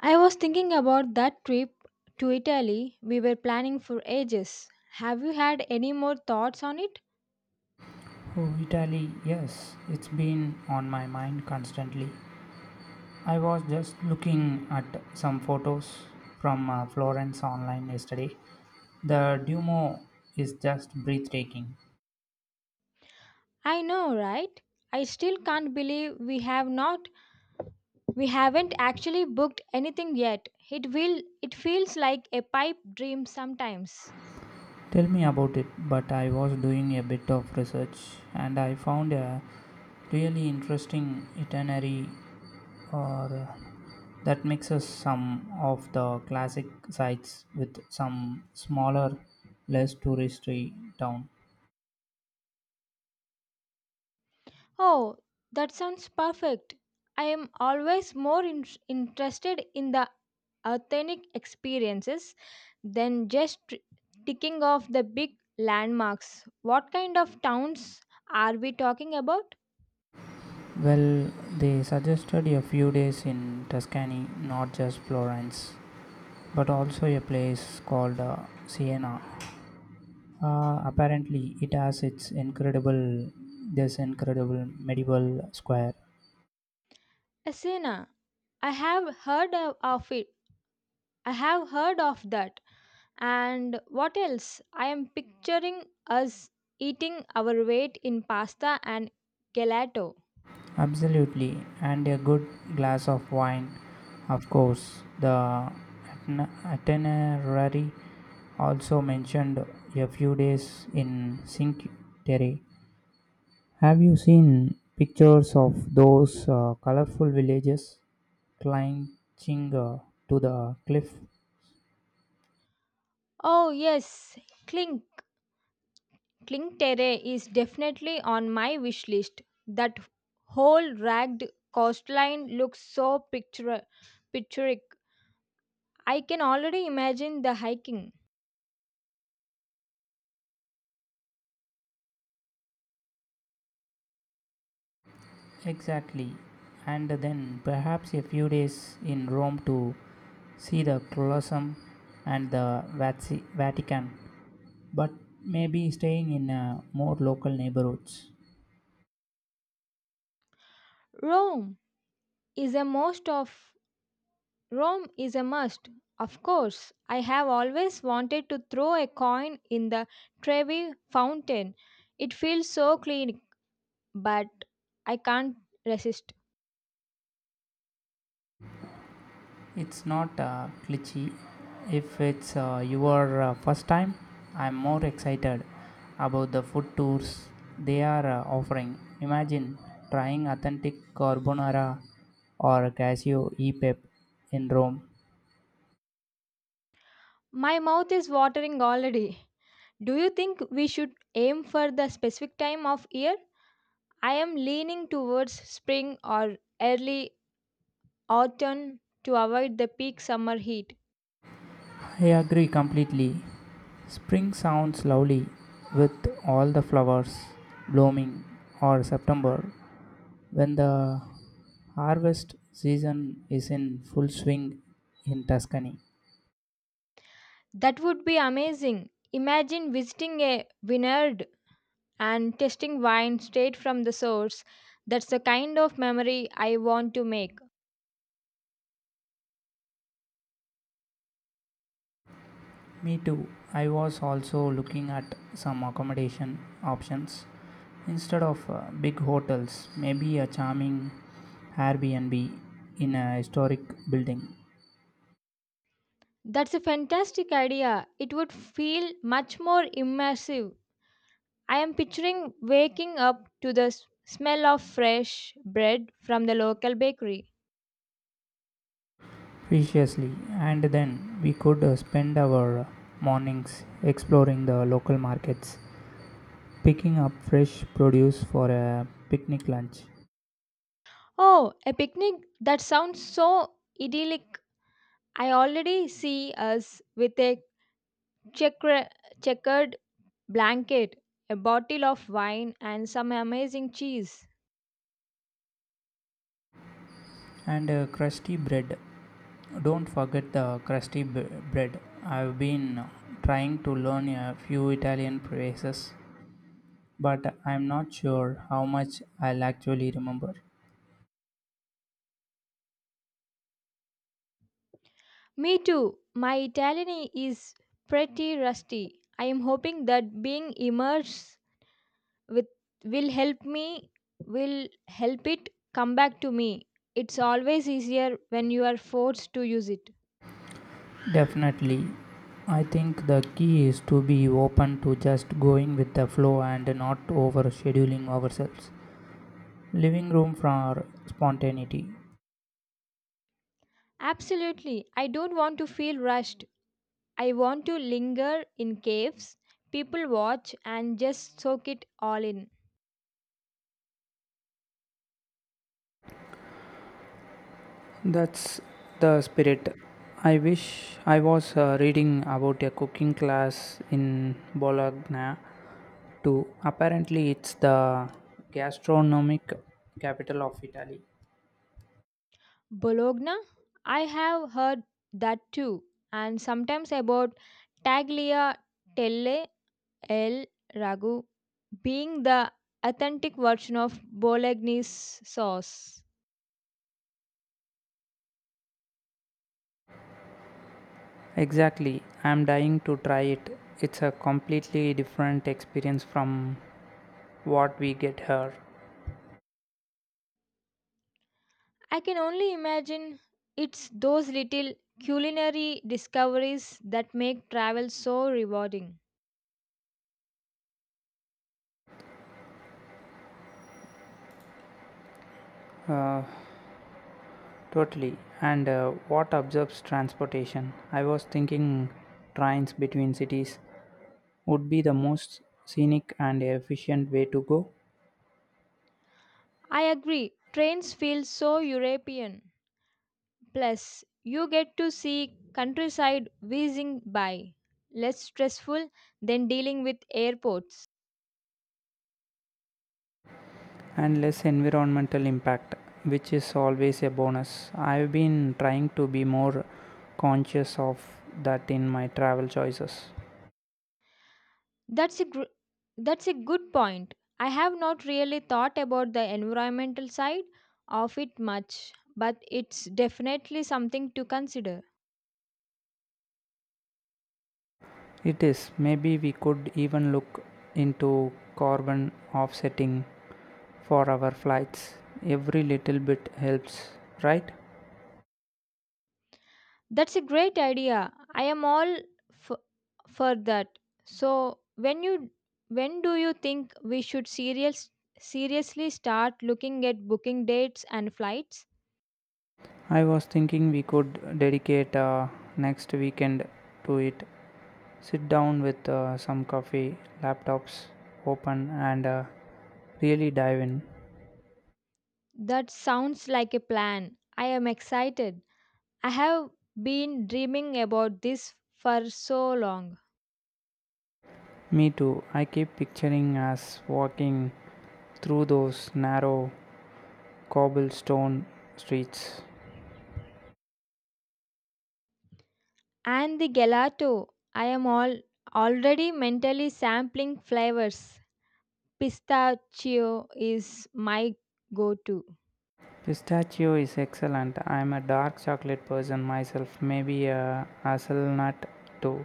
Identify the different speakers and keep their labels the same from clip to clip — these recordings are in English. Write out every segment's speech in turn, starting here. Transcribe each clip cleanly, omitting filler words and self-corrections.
Speaker 1: I was thinking about that trip to Italy we were planning for ages. Have you had any more thoughts on it?
Speaker 2: Oh, Italy, yes, it's been on my mind constantly. I was just looking at some photos from Florence online yesterday. The Duomo is just breathtaking.
Speaker 1: I know, right? I still can't believe we haven't actually booked anything yet. It feels like a pipe dream sometimes.
Speaker 2: Tell me about it, but I was doing a bit of research and I found a really interesting itinerary or that mixes some of the classic sites with some smaller, less touristy town.
Speaker 1: Oh, that sounds perfect. I am always interested in the authentic experiences than just ticking off the big landmarks. What kind of towns are we talking about?
Speaker 2: Well, they suggested a few days in Tuscany, not just Florence, but also a place called Siena. Apparently, it has its incredible, this incredible medieval square.
Speaker 1: Asena. I have heard of it. I have heard of that. And what else? I am picturing us eating our weight in pasta and gelato.
Speaker 2: Absolutely, and a good glass of wine, of course. The itinerary also mentioned a few days in Cinque Terre. Have you seen pictures of those colorful villages clinging to the cliff?
Speaker 1: Oh, yes, clink. Kling Terre is definitely on my wish list. That whole ragged coastline looks so picture- picturesque. I can already imagine the hiking.
Speaker 2: Exactly. And then perhaps a few days in Rome to see the Colosseum and the Vatican, but maybe staying in more local neighborhoods.
Speaker 1: Rome is a most of Rome is a must. Of course, I have always wanted to throw a coin in the Trevi fountain. It feels so clean, but I can't resist.
Speaker 2: It's not glitchy. If it's your first time, I'm more excited about the food tours they are offering. Imagine trying authentic carbonara or cashew e pep in Rome.
Speaker 1: My mouth is watering already. Do you think we should aim for the specific time of year? I am leaning towards spring or early autumn to avoid the peak summer heat.
Speaker 2: I agree completely. Spring sounds lovely with all the flowers blooming, or September when the harvest season is in full swing in Tuscany.
Speaker 1: That would be amazing. Imagine visiting a vineyard and tasting wine straight from the source. That's the kind of memory I want to make.
Speaker 2: Me too. I was also looking at some accommodation options. Instead of big hotels, maybe a charming Airbnb in a historic building.
Speaker 1: That's a fantastic idea. It would feel much more immersive. I am picturing waking up to the smell of fresh bread from the local bakery.
Speaker 2: Preciously, and then we could spend our mornings exploring the local markets, picking up fresh produce for a picnic lunch.
Speaker 1: Oh, a picnic? That sounds so idyllic. I already see us with a checker- checkered blanket, a bottle of wine, and some amazing cheese.
Speaker 2: And crusty bread. Don't forget the crusty bread. I've been trying to learn a few Italian phrases but I'm not sure how much I'll actually remember.
Speaker 1: Me too. My Italian is pretty rusty. I am hoping that being immersed with will help me will help it come back to me. It's always easier when you are forced to use it.
Speaker 2: Definitely, I think the key is to be open to just going with the flow and not over scheduling ourselves. Living room for spontaneity.
Speaker 1: Absolutely, I don't want to feel rushed. I want to linger in caves, people watch, and just soak it all in.
Speaker 2: That's the spirit. I wish I was reading about a cooking class in Bologna too. Apparently, it's the gastronomic capital of Italy.
Speaker 1: Bologna, I have heard that too, and sometimes about Tagliatelle telle el ragu being the authentic version of bolognese sauce.
Speaker 2: Exactly. I'm dying to try it. It's a completely different experience from what we get here.
Speaker 1: I can only imagine it's those little culinary discoveries that make travel so rewarding.
Speaker 2: Totally. And what absorbs transportation? I was thinking trains between cities would be the most scenic and efficient way to go
Speaker 1: I agree, trains feel so European. Plus, you get to see countryside whizzing by, less stressful than dealing with airports.
Speaker 2: and less environmental impact, which is always a bonus. I've been trying to be more conscious of that in my travel choices.
Speaker 1: That's a gr- that's a good point. I have not really thought about the environmental side of it much, but it's definitely something to consider.
Speaker 2: It is. Maybe we could even look into carbon offsetting for our flights. Every little bit helps, right?
Speaker 1: That's a great idea. I am all f- for that. So when you when do you think we should serious seriously start looking at booking dates and flights?
Speaker 2: I was thinking we could dedicate next weekend to it. Sit down with some coffee, laptops open, and really dive in.
Speaker 1: That sounds like a plan. I am excited. I have been dreaming about this for so long.
Speaker 2: Me too. I keep picturing us walking through those narrow cobblestone streets.
Speaker 1: And the gelato, I am all already mentally sampling flavors. Pistachio is my go-to.
Speaker 2: Pistachio is excellent. I'm a dark chocolate person myself, maybe a hazelnut too.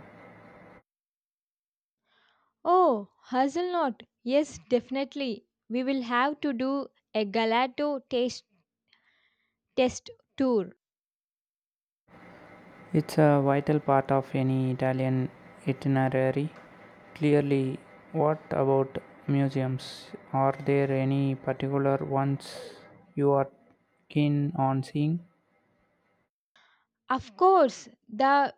Speaker 1: Oh, hazelnut. Yes, definitely. We will have to do a galato taste test tour.
Speaker 2: It's a vital part of any Italian itinerary. Clearly, what about museums? Are there any particular ones you are keen on seeing?
Speaker 1: Of course, the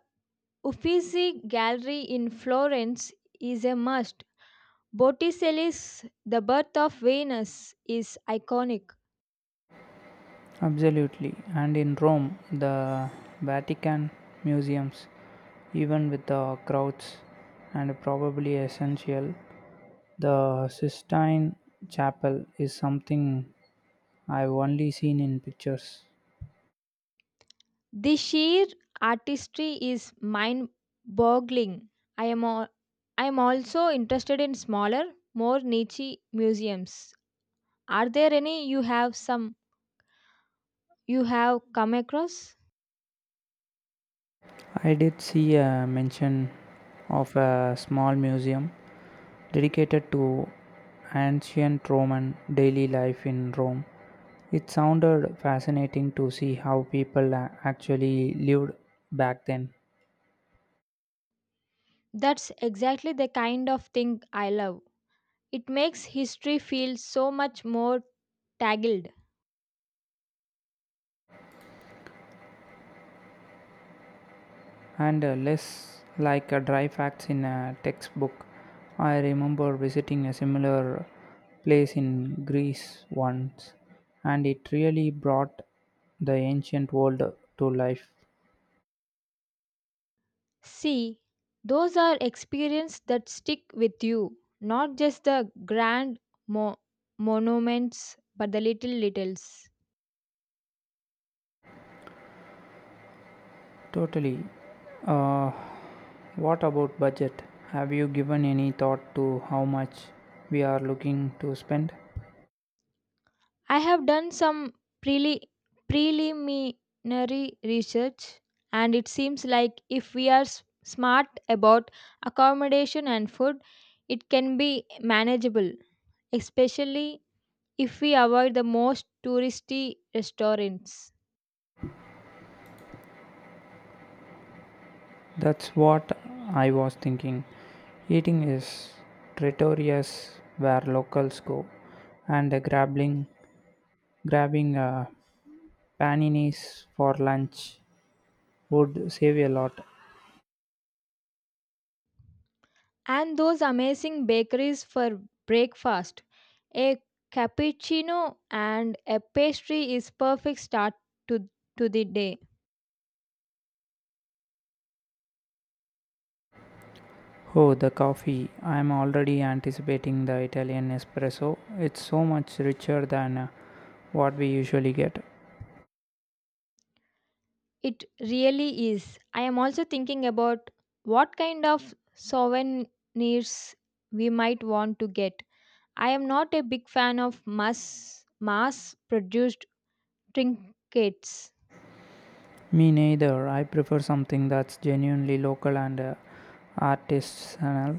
Speaker 1: Uffizi Gallery in Florence is a must. Botticelli's The Birth of Venus is iconic.
Speaker 2: Absolutely. And in Rome, the Vatican museums, even with the crowds and probably essential, the Sistine Chapel is something I've only seen in pictures.
Speaker 1: The sheer artistry is mind boggling. I am, al- I am also interested in smaller, more niche museums. Are there any you have come across?
Speaker 2: I did see a mention of a small museum dedicated to ancient Roman daily life in Rome. It sounded fascinating to see how people actually lived back then,
Speaker 1: That's exactly the kind of thing I love. It makes history feel so much more tangled.
Speaker 2: and less like a dry facts in a textbook. I remember visiting a similar place in Greece once and it really brought the ancient world to life.
Speaker 1: See, those are experiences that stick with you, not just the grand mo- monuments, but the little details.
Speaker 2: Totally. Uh, what about budget? Have you given any thought to how much we are looking to spend?
Speaker 1: I have done some preli- preliminary research, and it seems like if we are smart about accommodation and food, it can be manageable, especially if we avoid the most touristy restaurants
Speaker 2: That's what I was thinking. Eating is notorious where locals go, and the grabbing, grabbing paninis for lunch would save a lot.
Speaker 1: and those amazing bakeries for breakfast. A cappuccino and a pastry is perfect start to, to the day.
Speaker 2: Oh, the coffee. I'm already anticipating the Italian espresso. It's so much richer than what we usually get.
Speaker 1: It really is. I am also thinking about what kind of souvenirs we might want to get. I am not a big fan of mass produced trinkets.
Speaker 2: Me neither. I prefer something that's genuinely local and artisanal.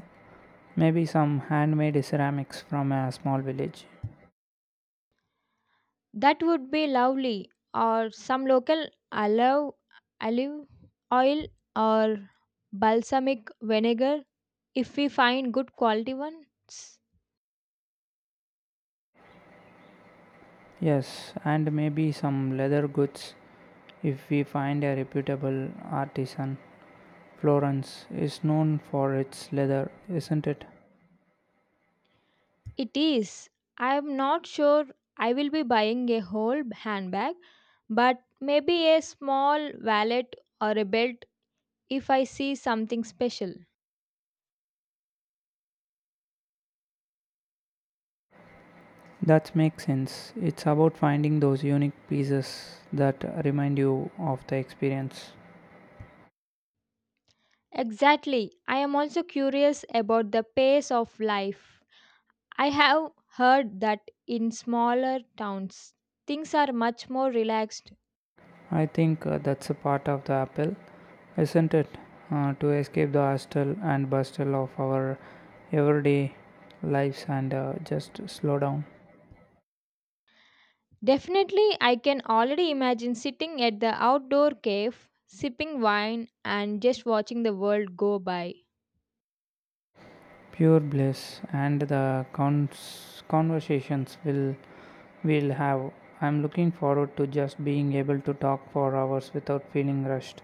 Speaker 2: Maybe some handmade ceramics from a small village.
Speaker 1: That would be lovely. Or some local olive, olive oil or balsamic vinegar if we find good quality ones.
Speaker 2: Yes, and maybe some leather goods if we find a reputable artisan. Florence is known for its leather, isn't it?
Speaker 1: It is. I am not sure I will be buying a whole handbag, but maybe a small wallet or a belt if I see something special.
Speaker 2: That makes sense. It's about finding those unique pieces that remind you of the experience.
Speaker 1: Exactly. I am also curious about the pace of life. I have heard that in smaller towns, things are much more relaxed.
Speaker 2: I think that's a part of the appeal. Isn't it? To escape the hustle and bustle of our everyday lives and just slow down.
Speaker 1: Definitely, I can already imagine sitting at the outdoor cave, sipping wine, and just watching the world go by.
Speaker 2: Pure bliss and the conversations will have. I'm looking forward to just being able to talk for hours without feeling rushed.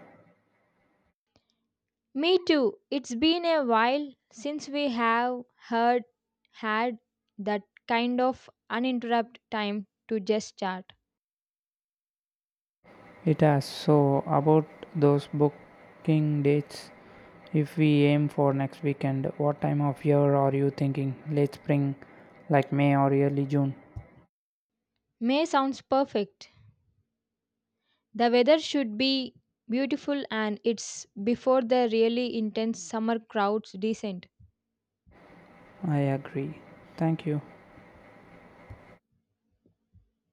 Speaker 1: Me too. It's been a while since we have heard had that kind of uninterrupted time to just chat.
Speaker 2: It has so about those booking dates. If we aim for next weekend, what time of year are you thinking? Late spring, like May or early June?
Speaker 1: May sounds perfect. The weather should be beautiful and it's before the really intense summer crowds descend.
Speaker 2: I agree. Thank you.